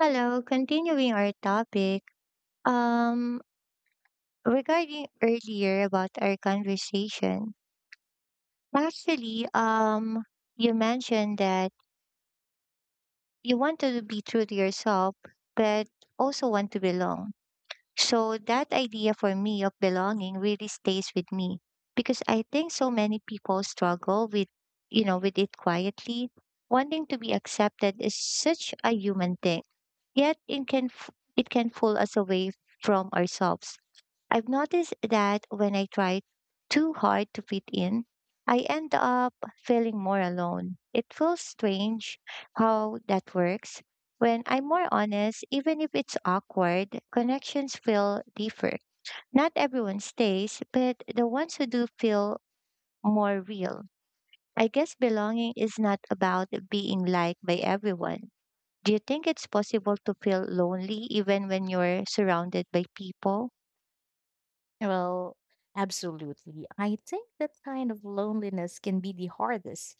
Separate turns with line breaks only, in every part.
Hello, continuing our topic, um, regarding earlier about our conversation, actually, you mentioned that you want to be true to yourself, but also want to belong. So that idea for me of belonging really stays with me because I think so many people struggle with, you know, with it quietly. Wanting to be accepted is such a human thing, yet it can pull us away from ourselves. I've noticed that when I try too hard to fit in, I end up feeling more alone. It feels strange how that works. When I'm more honest, even if it's awkward, connections feel deeper. Not everyone stays, but the ones who do feel more real. I guess belonging is not about being liked by everyone. Do you think it's possible to feel lonely even when you're surrounded by people?
Well, absolutely. I think that kind of loneliness can be the hardest.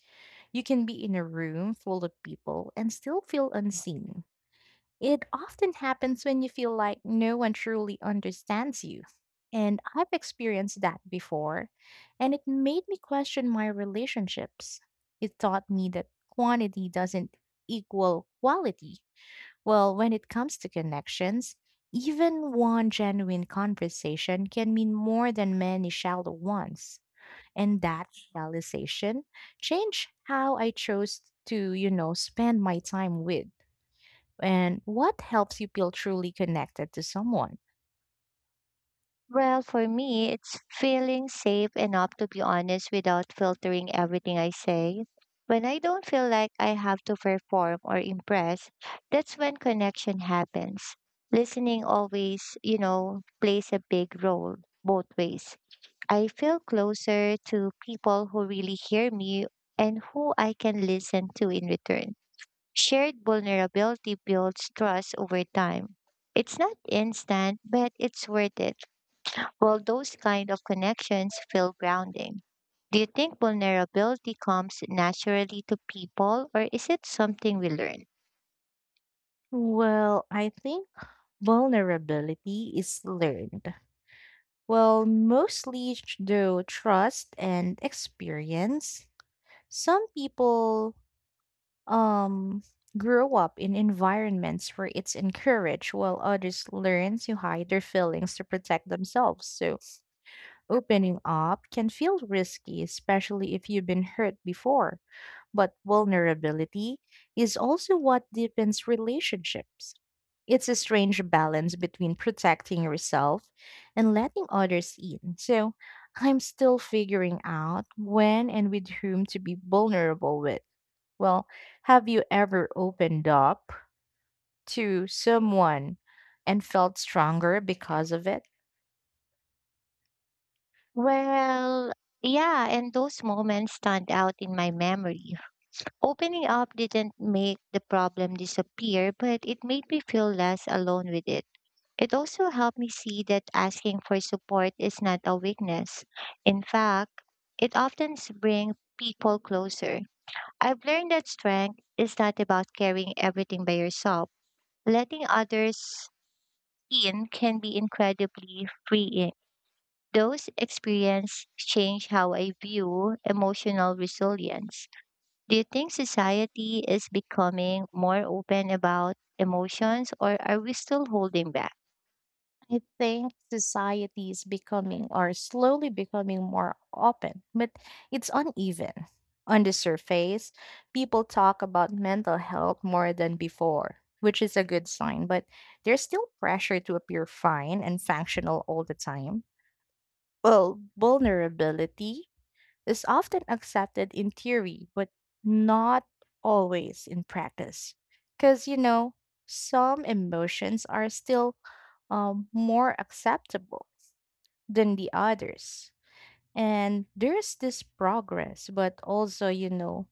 You can be in a room full of people and still feel unseen. It often happens when you feel like no one truly understands you. And I've experienced that before, and it made me question my relationships. It taught me that quantity doesn't equal quality well, when it comes to connections, even one genuine conversation can mean more than many shallow ones. And that realization changed how I chose to, spend my time with. And what helps you feel truly connected to someone?
Well, for me, it's feeling safe enough to be honest without filtering everything I say. When I don't feel like I have to perform or impress, that's when connection happens. Listening always, you know, plays a big role both ways. I feel closer to people who really hear me and who I can listen to in return. Shared vulnerability builds trust over time. It's not instant, but it's worth it. While those kind of connections feel grounding. Do you think vulnerability comes naturally to people, or is it something we learn?
Well, I think vulnerability is learned. Well, mostly through trust and experience. Some people um grow up in environments where it's encouraged, while others learn to hide their feelings to protect themselves, so opening up can feel risky, especially if you've been hurt before, but vulnerability is also what deepens relationships. It's a strange balance between protecting yourself and letting others in, so I'm still figuring out when and with whom to be vulnerable with. Well, have you ever opened up to someone and felt stronger because of it?
Well, yeah, and those moments stand out in my memory. Opening up didn't make the problem disappear, but it made me feel less alone with it. It also helped me see that asking for support is not a weakness. In fact, it often brings people closer. I've learned that strength is not about carrying everything by yourself. Letting others in can be incredibly freeing. Those experiences change how I view emotional resilience. Do you think society is becoming more open about emotions or are we still holding back?
I think society is becoming, or slowly becoming more open, but it's uneven. On the surface, people talk about mental health more than before, which is a good sign, but there's still pressure to appear fine and functional all the time. Well, vulnerability is often accepted in theory, but not always in practice. Because, you know, some emotions are still more acceptable than the others. And there's this progress, but also, you know,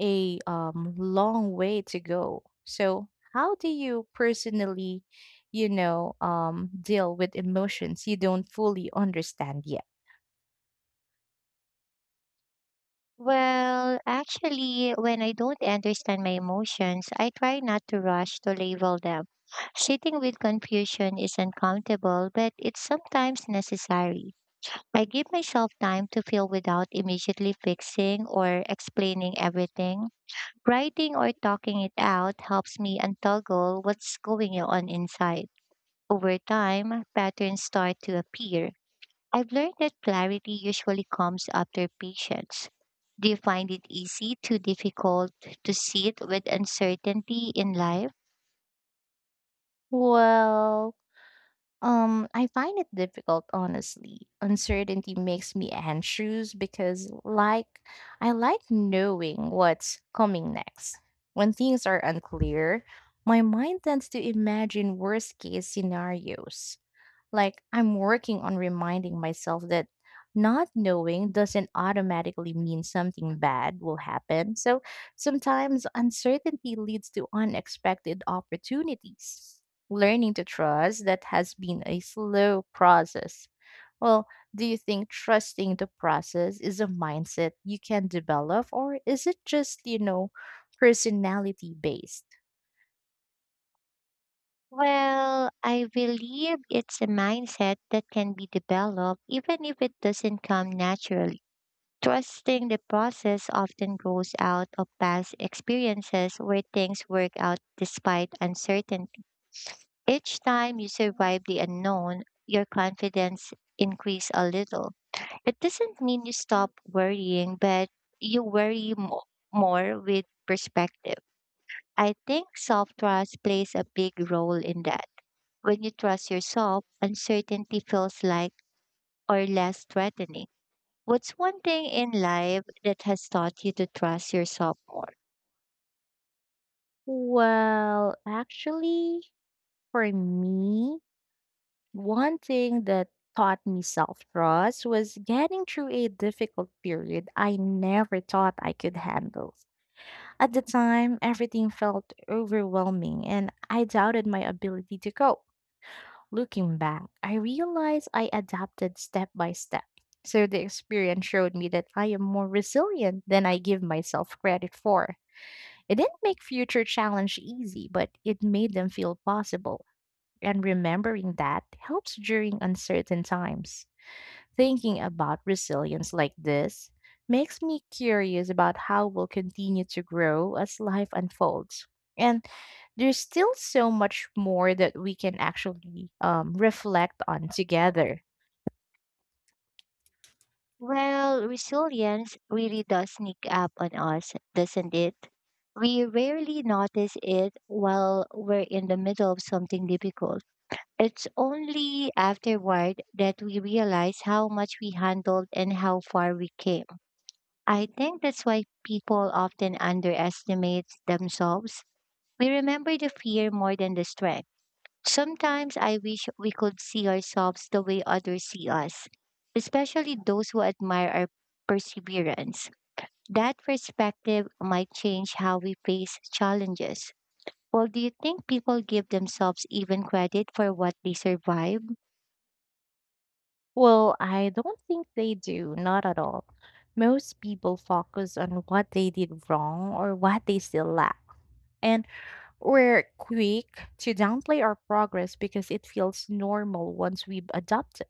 a long way to go. So, how do you personally, you know, deal with emotions you don't fully understand yet?
Well, actually, when I don't understand my emotions, I try not to rush to label them. Sitting with confusion is uncomfortable, but it's sometimes necessary. I give myself time to feel without immediately fixing or explaining everything. Writing or talking it out helps me untangle what's going on inside. Over time, patterns start to appear. I've learned that clarity usually comes after patience. Do you find it easy to difficult to sit with uncertainty in life?
Well, I find it difficult, honestly. Uncertainty makes me anxious because, like, I like knowing what's coming next. When things are unclear, my mind tends to imagine worst case scenarios. Like, I'm working on reminding myself that not knowing doesn't automatically mean something bad will happen. So sometimes uncertainty leads to unexpected opportunities. Learning to trust that has been a slow process. Well, do you think trusting the process is a mindset you can develop, or is it just, you know, personality based?
Well, I believe it's a mindset that can be developed even if it doesn't come naturally. Trusting the process often grows out of past experiences where things work out despite uncertainty. Each time you survive the unknown, your confidence increases a little. It doesn't mean you stop worrying, but you worry mo- more with perspective. I think self trust plays a big role in that. When you trust yourself, uncertainty feels like or less threatening. What's one thing in life that has taught you to trust yourself more?
Well, actually, for me, one thing that taught me self trust was getting through a difficult period I never thought I could handle. At the time, everything felt overwhelming and I doubted my ability to cope. Looking back, I realized I adapted step by step. So the experience showed me that I am more resilient than I give myself credit for. It didn't make future challenge easy, but it made them feel possible, and remembering that helps during uncertain times. Thinking about resilience like this makes me curious about how we'll continue to grow as life unfolds. And there's still so much more that we can actually reflect on together.
Well, resilience really does sneak up on us, doesn't it? We rarely notice it while we're in the middle of something difficult. It's only afterward that we realize how much we handled and how far we came. I think that's why people often underestimate themselves. We remember the fear more than the strength. Sometimes I wish we could see ourselves the way others see us, especially those who admire our perseverance. That perspective might change how we face challenges. Well, do you think people give themselves even credit for what they survive?
Well, I don't think they do, not at all. Most people focus on what they did wrong or what they still lack. And we're quick to downplay our progress because it feels normal once we've adopted.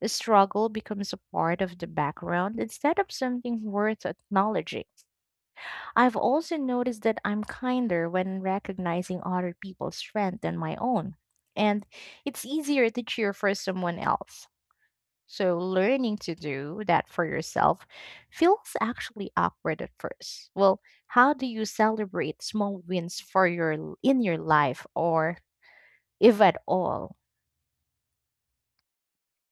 The struggle becomes a part of the background instead of something worth acknowledging. I've also noticed that I'm kinder when recognizing other people's strength than my own, and it's easier to cheer for someone else. So, learning to do that for yourself feels actually awkward at first. Well, how do you celebrate small wins for your in your life, or if at all?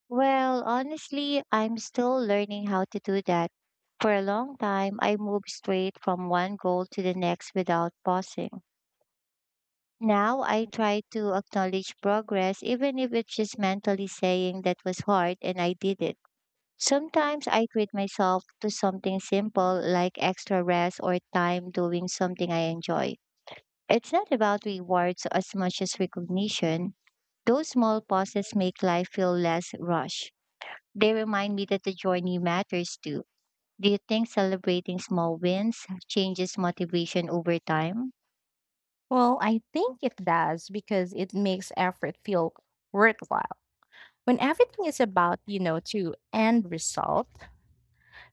Well, honestly, I'm still learning how to do that. For a long time, I moved straight from one goal to the next without pausing. Now I try to acknowledge progress, even if it's just mentally saying that was hard and I did it. Sometimes I treat myself to something simple like extra rest or time doing something I enjoy. It's not about rewards as much as recognition. Those small pauses make life feel less rushed. They remind me that the journey matters too. Do you think celebrating small wins changes motivation over time?
Well, I think it does because it makes effort feel worthwhile. When everything is about, you know, to end result,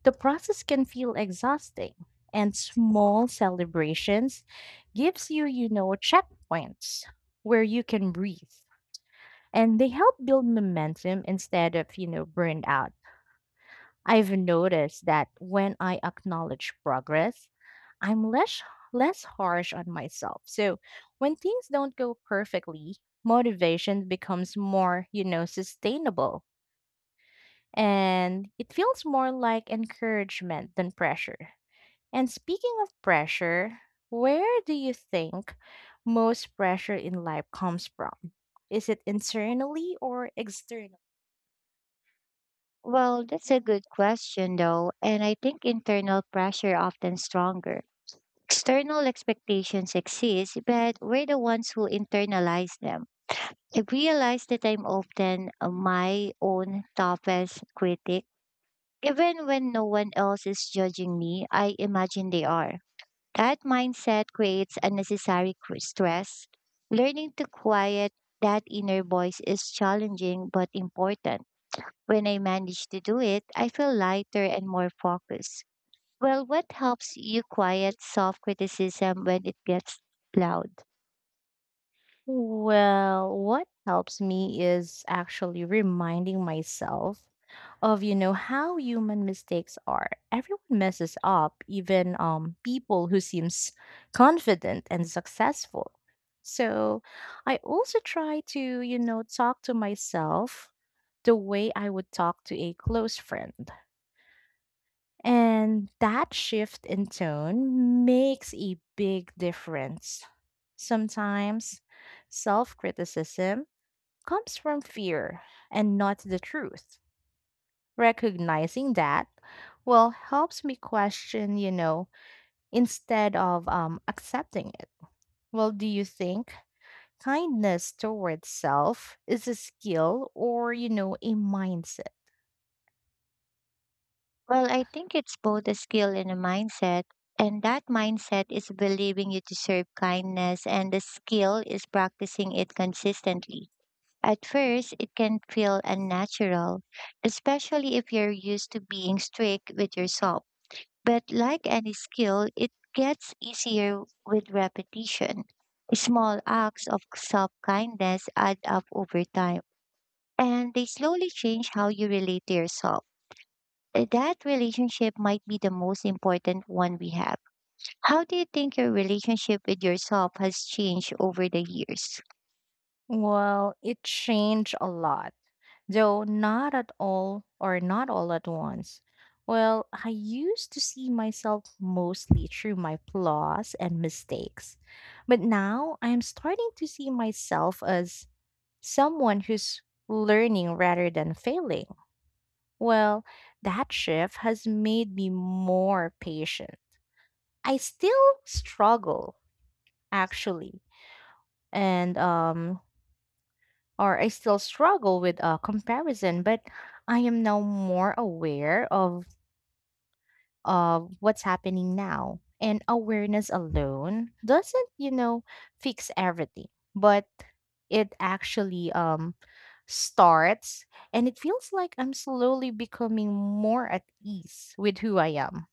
the process can feel exhausting. And small celebrations gives you, you know, checkpoints where you can breathe. And they help build momentum instead of, you know, burned out. I've noticed that when I acknowledge progress, I'm less harsh on myself. So when things don't go perfectly, motivation becomes more, you know, sustainable, and it feels more like encouragement than pressure. And speaking of pressure, where do you think most pressure in life comes from? Is it internally or externally?
Well, that's a good question, though, and I think internal pressure often stronger. External expectations exist, but we're the ones who internalize them. I realize that I'm often my own toughest critic. Even when no one else is judging me, I imagine they are. That mindset creates stress. Learning to quiet that inner voice is challenging but important. When I manage to do it, I feel lighter and more focused. Well, what helps you quiet self criticism when it gets loud?
Well, what helps me is actually reminding myself of, you know, how human mistakes are. Everyone messes up, even people who seems confident and successful. So I also try to, you know, talk to myself the way I would talk to a close friend. And that shift in tone makes a big difference. Sometimes self criticism comes from fear and not the truth. Recognizing that, well, helps me question, you know, instead of accepting it. Well, do you think kindness towards self is a skill or, you know, a mindset?
Well, I think it's both a skill and a mindset. And that mindset is believing you deserve kindness, and the skill is practicing it consistently. At first, it can feel unnatural, especially if you're used to being strict with yourself. But like any skill, it gets easier with repetition. Small acts of self kindness add up over time, and they slowly change how you relate to yourself. That relationship might be the most important one we have. How do you think your relationship with yourself has changed over the years?
Well, it changed a lot, though not at all, or not all at once. Well, I used to see myself mostly through my flaws and mistakes, but now I'm starting to see myself as someone who's learning rather than failing. Well, that shift has made me more patient. I still struggle, actually, and or I still struggle with comparison, but I am now more aware of what's happening now. And awareness alone doesn't, you know, fix everything, but it actually starts, and it feels like I'm slowly becoming more at ease with who I am.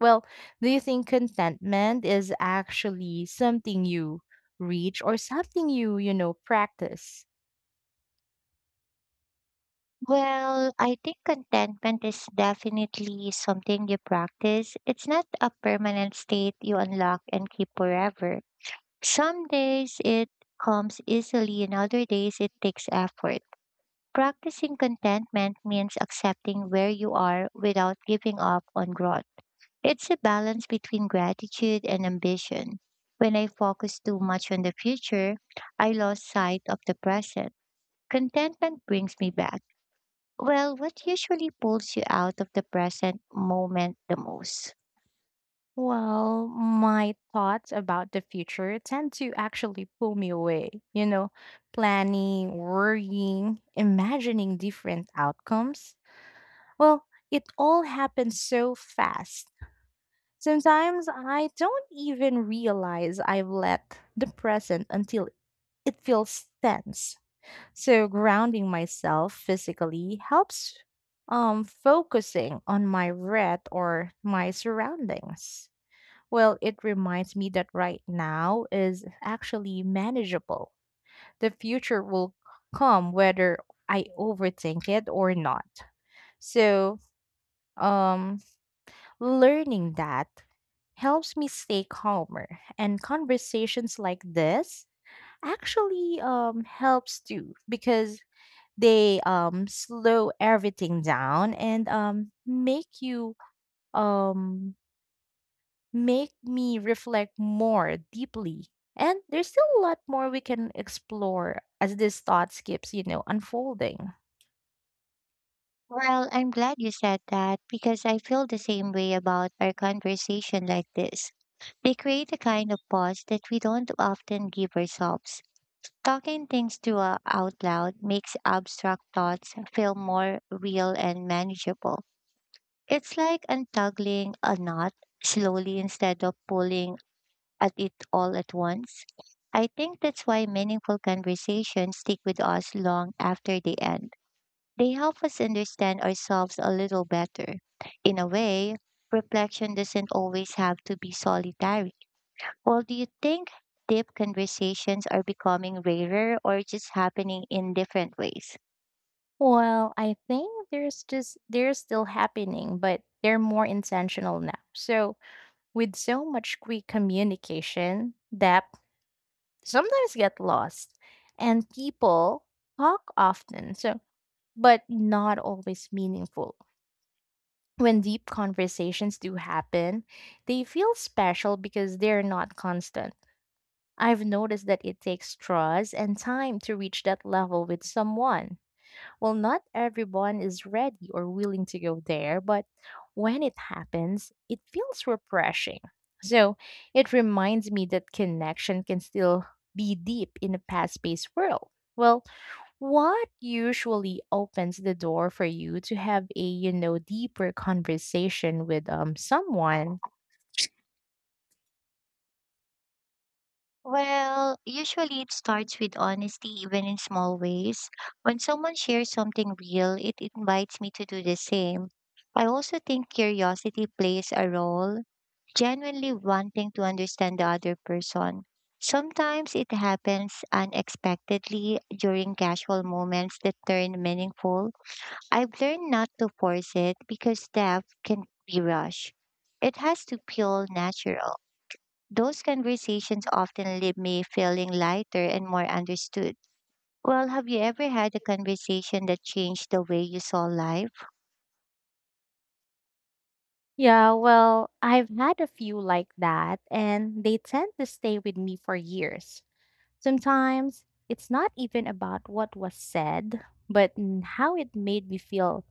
Well, do you think contentment is actually something you reach or something you, you know, practice?
Well, I think contentment is definitely something you practice. It's not a permanent state you unlock and keep forever. Some days it comes easily, and other days it takes effort. Practicing contentment means accepting where you are without giving up on growth. It's a balance between gratitude and ambition. When I focus too much on the future, I lose sight of the present. Contentment brings me back. Well, what usually pulls you out of the present moment the most?
Well, my thoughts about the future tend to actually pull me away. You know, planning, worrying, imagining different outcomes. Well, it all happens so fast. Sometimes I don't even realize I've let the present until it feels tense. So grounding myself physically helps, focusing on my breath or my surroundings. Well, it reminds me that right now is actually manageable. The future will come whether I overthink it or not. So, um, learning that helps me stay calmer, and conversations like this actually helps too because they slow everything down and um make me reflect more deeply. And there's still a lot more we can explore as this thought keeps, you know, unfolding.
Well, I'm glad you said that because I feel the same way about our conversation like this. They create a kind of pause that we don't often give ourselves. Talking things to out loud makes abstract thoughts feel more real and manageable. It's like untangling a knot slowly instead of pulling at it all at once. I think that's why meaningful conversations stick with us long after they end. They help us understand ourselves a little better. In a way, reflection doesn't always have to be solitary. Well, do you think deep conversations are becoming rarer or just happening in different ways?
Well, I think there's just they're still happening, but they're more intentional now. So with so much quick communication, depth sometimes get lost. And people talk often, so but not always meaningful. When deep conversations do happen, they feel special because they're not constant. I've noticed that it takes trust and time to reach that level with someone. Well, not everyone is ready or willing to go there, but when it happens, it feels refreshing. So it reminds me that connection can still be deep in a past based world. Well, what usually opens the door for you to have a, you know, deeper conversation with someone?
Well, usually it starts with honesty, even in small ways. When someone shares something real, it invites me to do the same. I also think curiosity plays a role, genuinely wanting to understand the other person. Sometimes it happens unexpectedly during casual moments that turn meaningful. I've learned not to force it because depth can be rushed. It has to feel natural. Those conversations often leave me feeling lighter and more understood. Well, have you ever had a conversation that changed the way you saw life?
Yeah, well, I've had a few like that, and they tend to stay with me for years. Sometimes it's not even about what was said, but how it made me feel.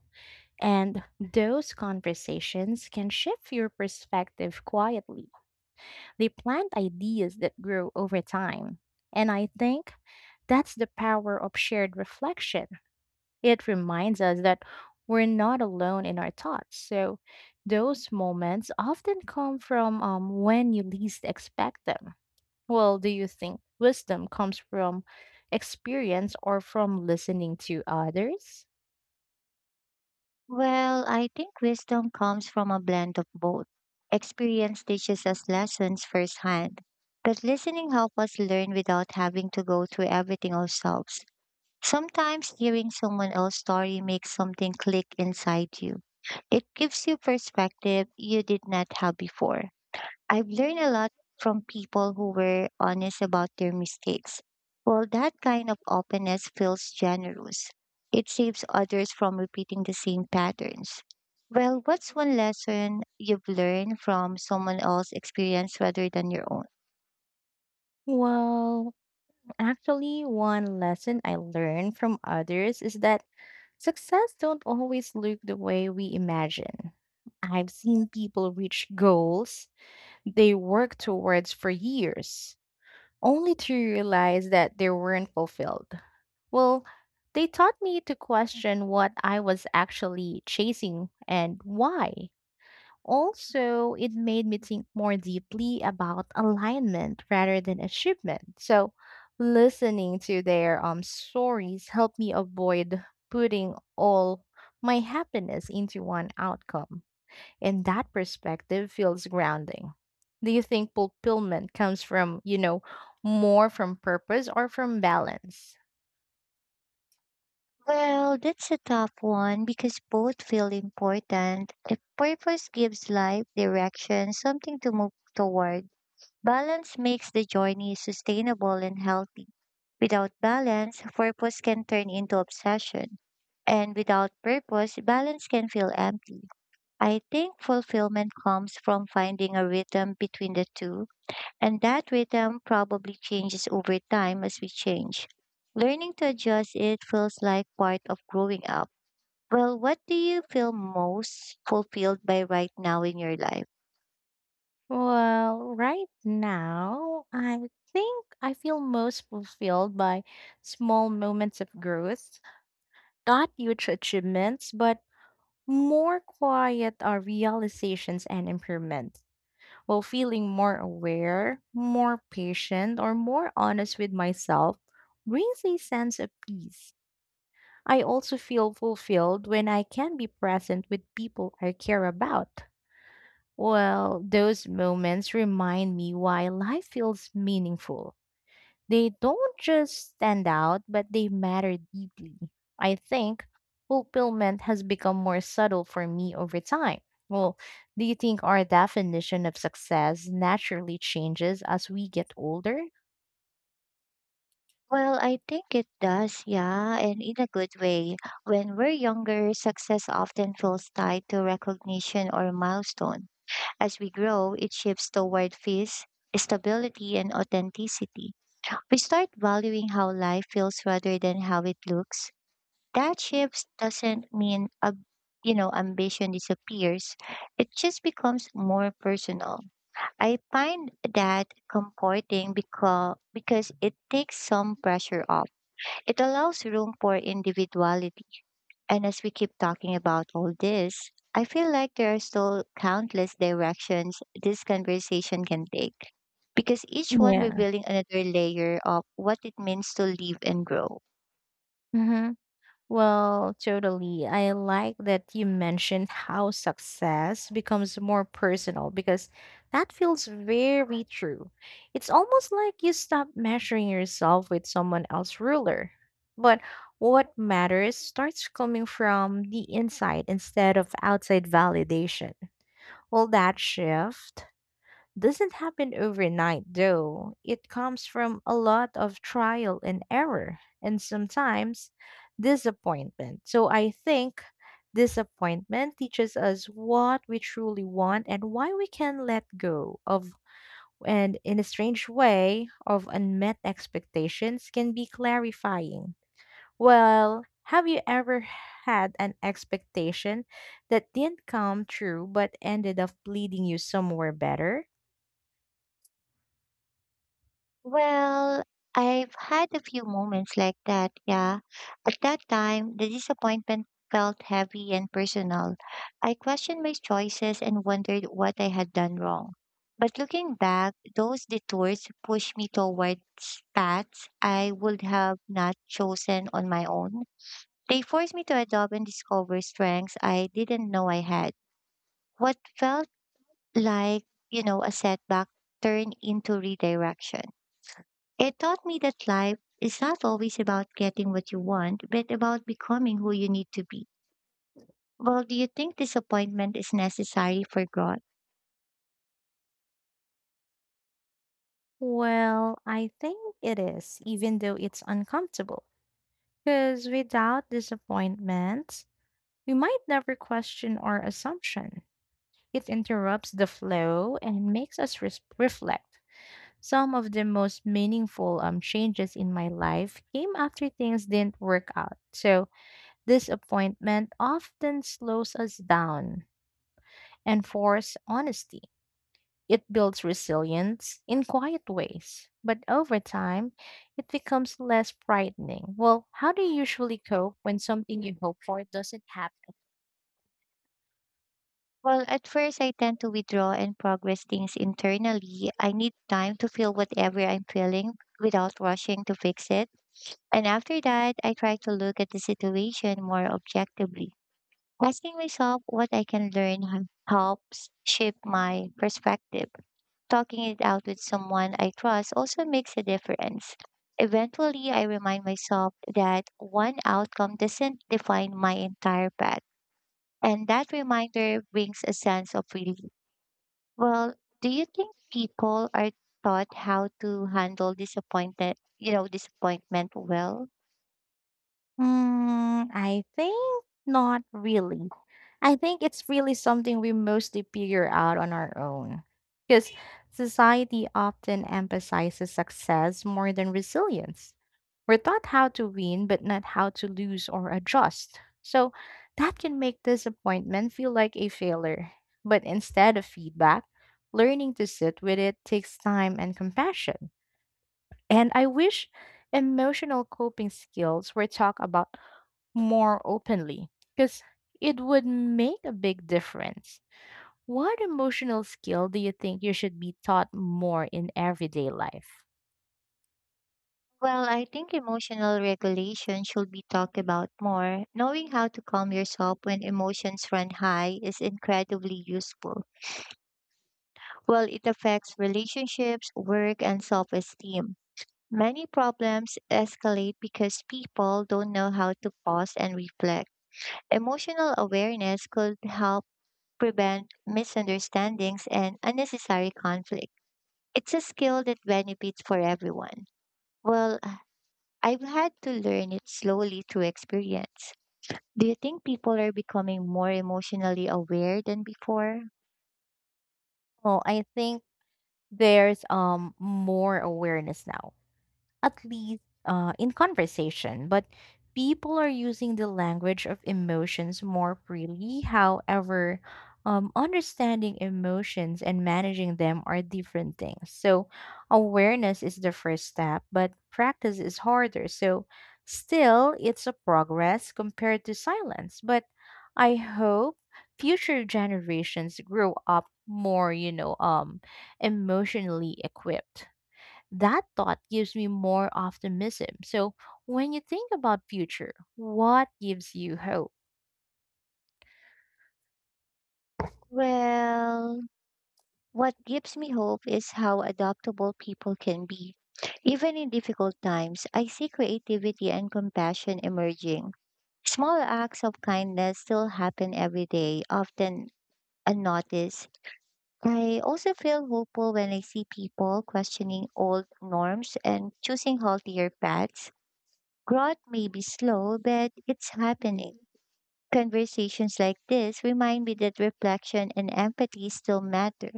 And those conversations can shift your perspective quietly. They plant ideas that grow over time. And I think that's the power of shared reflection. It reminds us that we're not alone in our thoughts. So, those moments often come from, when you least expect them. Well, do you think wisdom comes from experience or from listening to others?
Well, I think wisdom comes from a blend of both. Experience teaches us lessons firsthand, but listening helps us learn without having to go through everything ourselves. Sometimes hearing someone else's story makes something click inside you. It gives you perspective you did not have before. I've learned a lot from people who were honest about their mistakes. Well, that kind of openness feels generous. It saves others from repeating the same patterns. Well, what's one lesson you've learned from someone else's experience rather than your own?
Well, actually, one lesson I learned from others is that success don't always look the way we imagine. I've seen people reach goals they worked towards for years, only to realize that they weren't fulfilled. Well, they taught me to question what I was actually chasing and why. Also, it made me think more deeply about alignment rather than achievement. So, listening to their stories helped me avoid putting all my happiness into one outcome. And that perspective feels grounding. Do you think fulfillment comes from, you know, more from purpose or from balance?
Well, that's a tough one because both feel important. If purpose gives life direction, something to move toward. Balance makes the journey sustainable and healthy. Without balance, purpose can turn into obsession. And without purpose, balance can feel empty. I think fulfillment comes from finding a rhythm between the two, and that rhythm probably changes over time as we change. Learning to adjust it feels like part of growing up. Well, what do you feel most fulfilled by right now in your life?
Well, right now, I think I feel most fulfilled by small moments of growth, not huge achievements, but more quiet are realizations and improvements. While feeling more aware, more patient, or more honest with myself brings a sense of peace. I also feel fulfilled when I can be present with people I care about. Well, those moments remind me why life feels meaningful. They don't just stand out, but they matter deeply. I think fulfillment has become more subtle for me over time. Well, do you think our definition of success naturally changes as we get older?
Well, I think it does, yeah, and in a good way. When we're younger, success often feels tied to recognition or milestone. As we grow, it shifts toward peace, stability, and authenticity. We start valuing how life feels rather than how it looks. That shift doesn't mean a, you know, ambition disappears. It just becomes more personal. I find that comforting because it takes some pressure off. It allows room for individuality. And as we keep talking about all this, I feel like there are still countless directions this conversation can take, because each one
Yeah.
revealing another layer of what it means to live and grow.
Mm-hmm. Well, totally. I like that you mentioned how success becomes more personal because that feels very true. It's almost like you stop measuring yourself with someone else's ruler. But what matters starts coming from the inside instead of outside validation. Well, that shift doesn't happen overnight, though. It comes from a lot of trial and error and sometimes disappointment. So I think disappointment teaches us what we truly want and why we can let go of. And in a strange way, of unmet expectations can be clarifying. Well, have you ever had an expectation that didn't come true but ended up leading you somewhere better?
Well, I've had a few moments like that, yeah. At that time, the disappointment felt heavy and personal. I questioned my choices and wondered what I had done wrong. But looking back, those detours pushed me towards paths I would have not chosen on my own. They forced me to adopt and discover strengths I didn't know I had. What felt like, you know, a setback turned into redirection. It taught me that life is not always about getting what you want, but about becoming who you need to be. Well, do you think disappointment is necessary for growth?
Well, I think it is, even though it's uncomfortable. Because without disappointment, we might never question our assumption. It interrupts the flow and makes us reflect. Some of the most meaningful changes in my life came after things didn't work out. So, disappointment often slows us down and force honesty. It builds resilience in quiet ways, but over time, it becomes less frightening. Well, how do you usually cope when something you hope for doesn't happen?
Well, at first, I tend to withdraw and progress things internally. I need time to feel whatever I'm feeling without rushing to fix it. And after that, I try to look at the situation more objectively. Asking myself what I can learn h- helps shape my perspective. Talking it out with someone I trust also makes a difference. Eventually, I remind myself that one outcome doesn't define my entire path. And that reminder brings a sense of relief. Well, do you think people are taught how to handle disappointment, you know, disappointment well?
Mm, I think not really. I think it's really something we mostly figure out on our own. Because society often emphasizes success more than resilience. We're taught how to win, but not how to lose or adjust. So that can make disappointment feel like a failure. But instead of feedback, learning to sit with it takes time and compassion. And I wish emotional coping skills were talked about more openly because it would make a big difference. What emotional skill do you think you should be taught more in everyday life?
Well, I think emotional regulation should be talked about more. Knowing how to calm yourself when emotions run high is incredibly useful. Well, it affects relationships, work, and self esteem. Many problems escalate because people don't know how to pause and reflect. Emotional awareness could help prevent misunderstandings and unnecessary conflict. It's a skill that benefits for everyone. Well, I've had to learn it slowly through experience. Do you think people are becoming more emotionally aware than before?
Well, I think there's more awareness now, at least in conversation, but people are using the language of emotions more freely. However, understanding emotions and managing them are different things. So, awareness is the first step, but practice is harder. So, still, it's a progress compared to silence. But I hope future generations grow up more, you know, emotionally equipped. That thought gives me more optimism. So, when you think about future, what gives you hope?
Well, What gives me hope is how adaptable people can be. Even in difficult times, I see creativity and compassion emerging. Small acts of kindness still happen every day, often unnoticed. I also feel hopeful when I see people questioning old norms and choosing healthier paths. Growth may be slow, but it's happening. Conversations like this remind me that reflection and empathy still matter.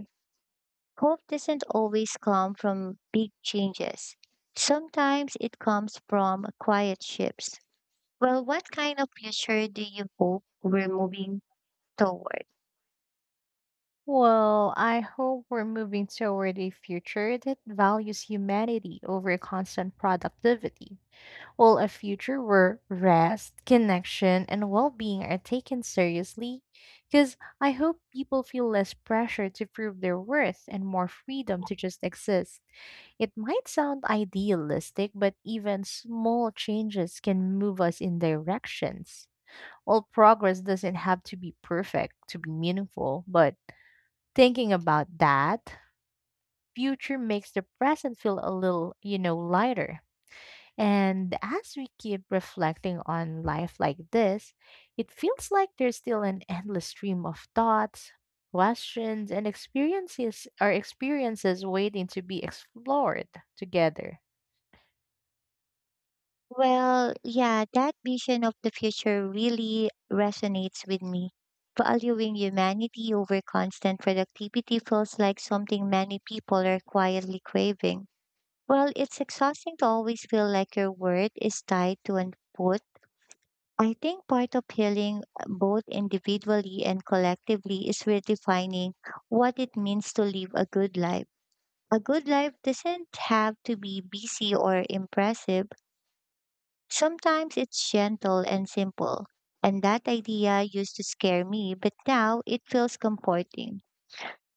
Hope doesn't always come from big changes. Sometimes it comes from quiet shifts. Well, what kind of future do you hope we're moving toward?
Well, I hope we're moving toward a future that values humanity over constant productivity. Well, a future where rest, connection, and well being are taken seriously, because I hope people feel less pressure to prove their worth and more freedom to just exist. It might sound idealistic, but even small changes can move us in directions. Well, progress doesn't have to be perfect to be meaningful, but thinking about that, future makes the present feel a little, you know, lighter. And as we keep reflecting on life like this, it feels like there's still an endless stream of thoughts, questions, and experiences or experiences waiting to be explored together.
Well, yeah, that vision of the future really resonates with me. Valuing humanity over constant productivity feels like something many people are quietly craving. Well, it's exhausting to always feel like your worth is tied to an output. I think part of healing, both individually and collectively, is redefining what it means to live a good life. A good life doesn't have to be busy or impressive, sometimes it's gentle and simple. And that idea used to scare me, but now it feels comforting.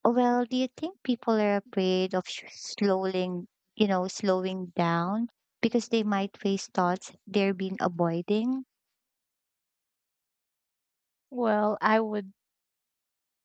Well, do you think people are afraid of slowing down because they might face thoughts they've been avoiding?
Well, I would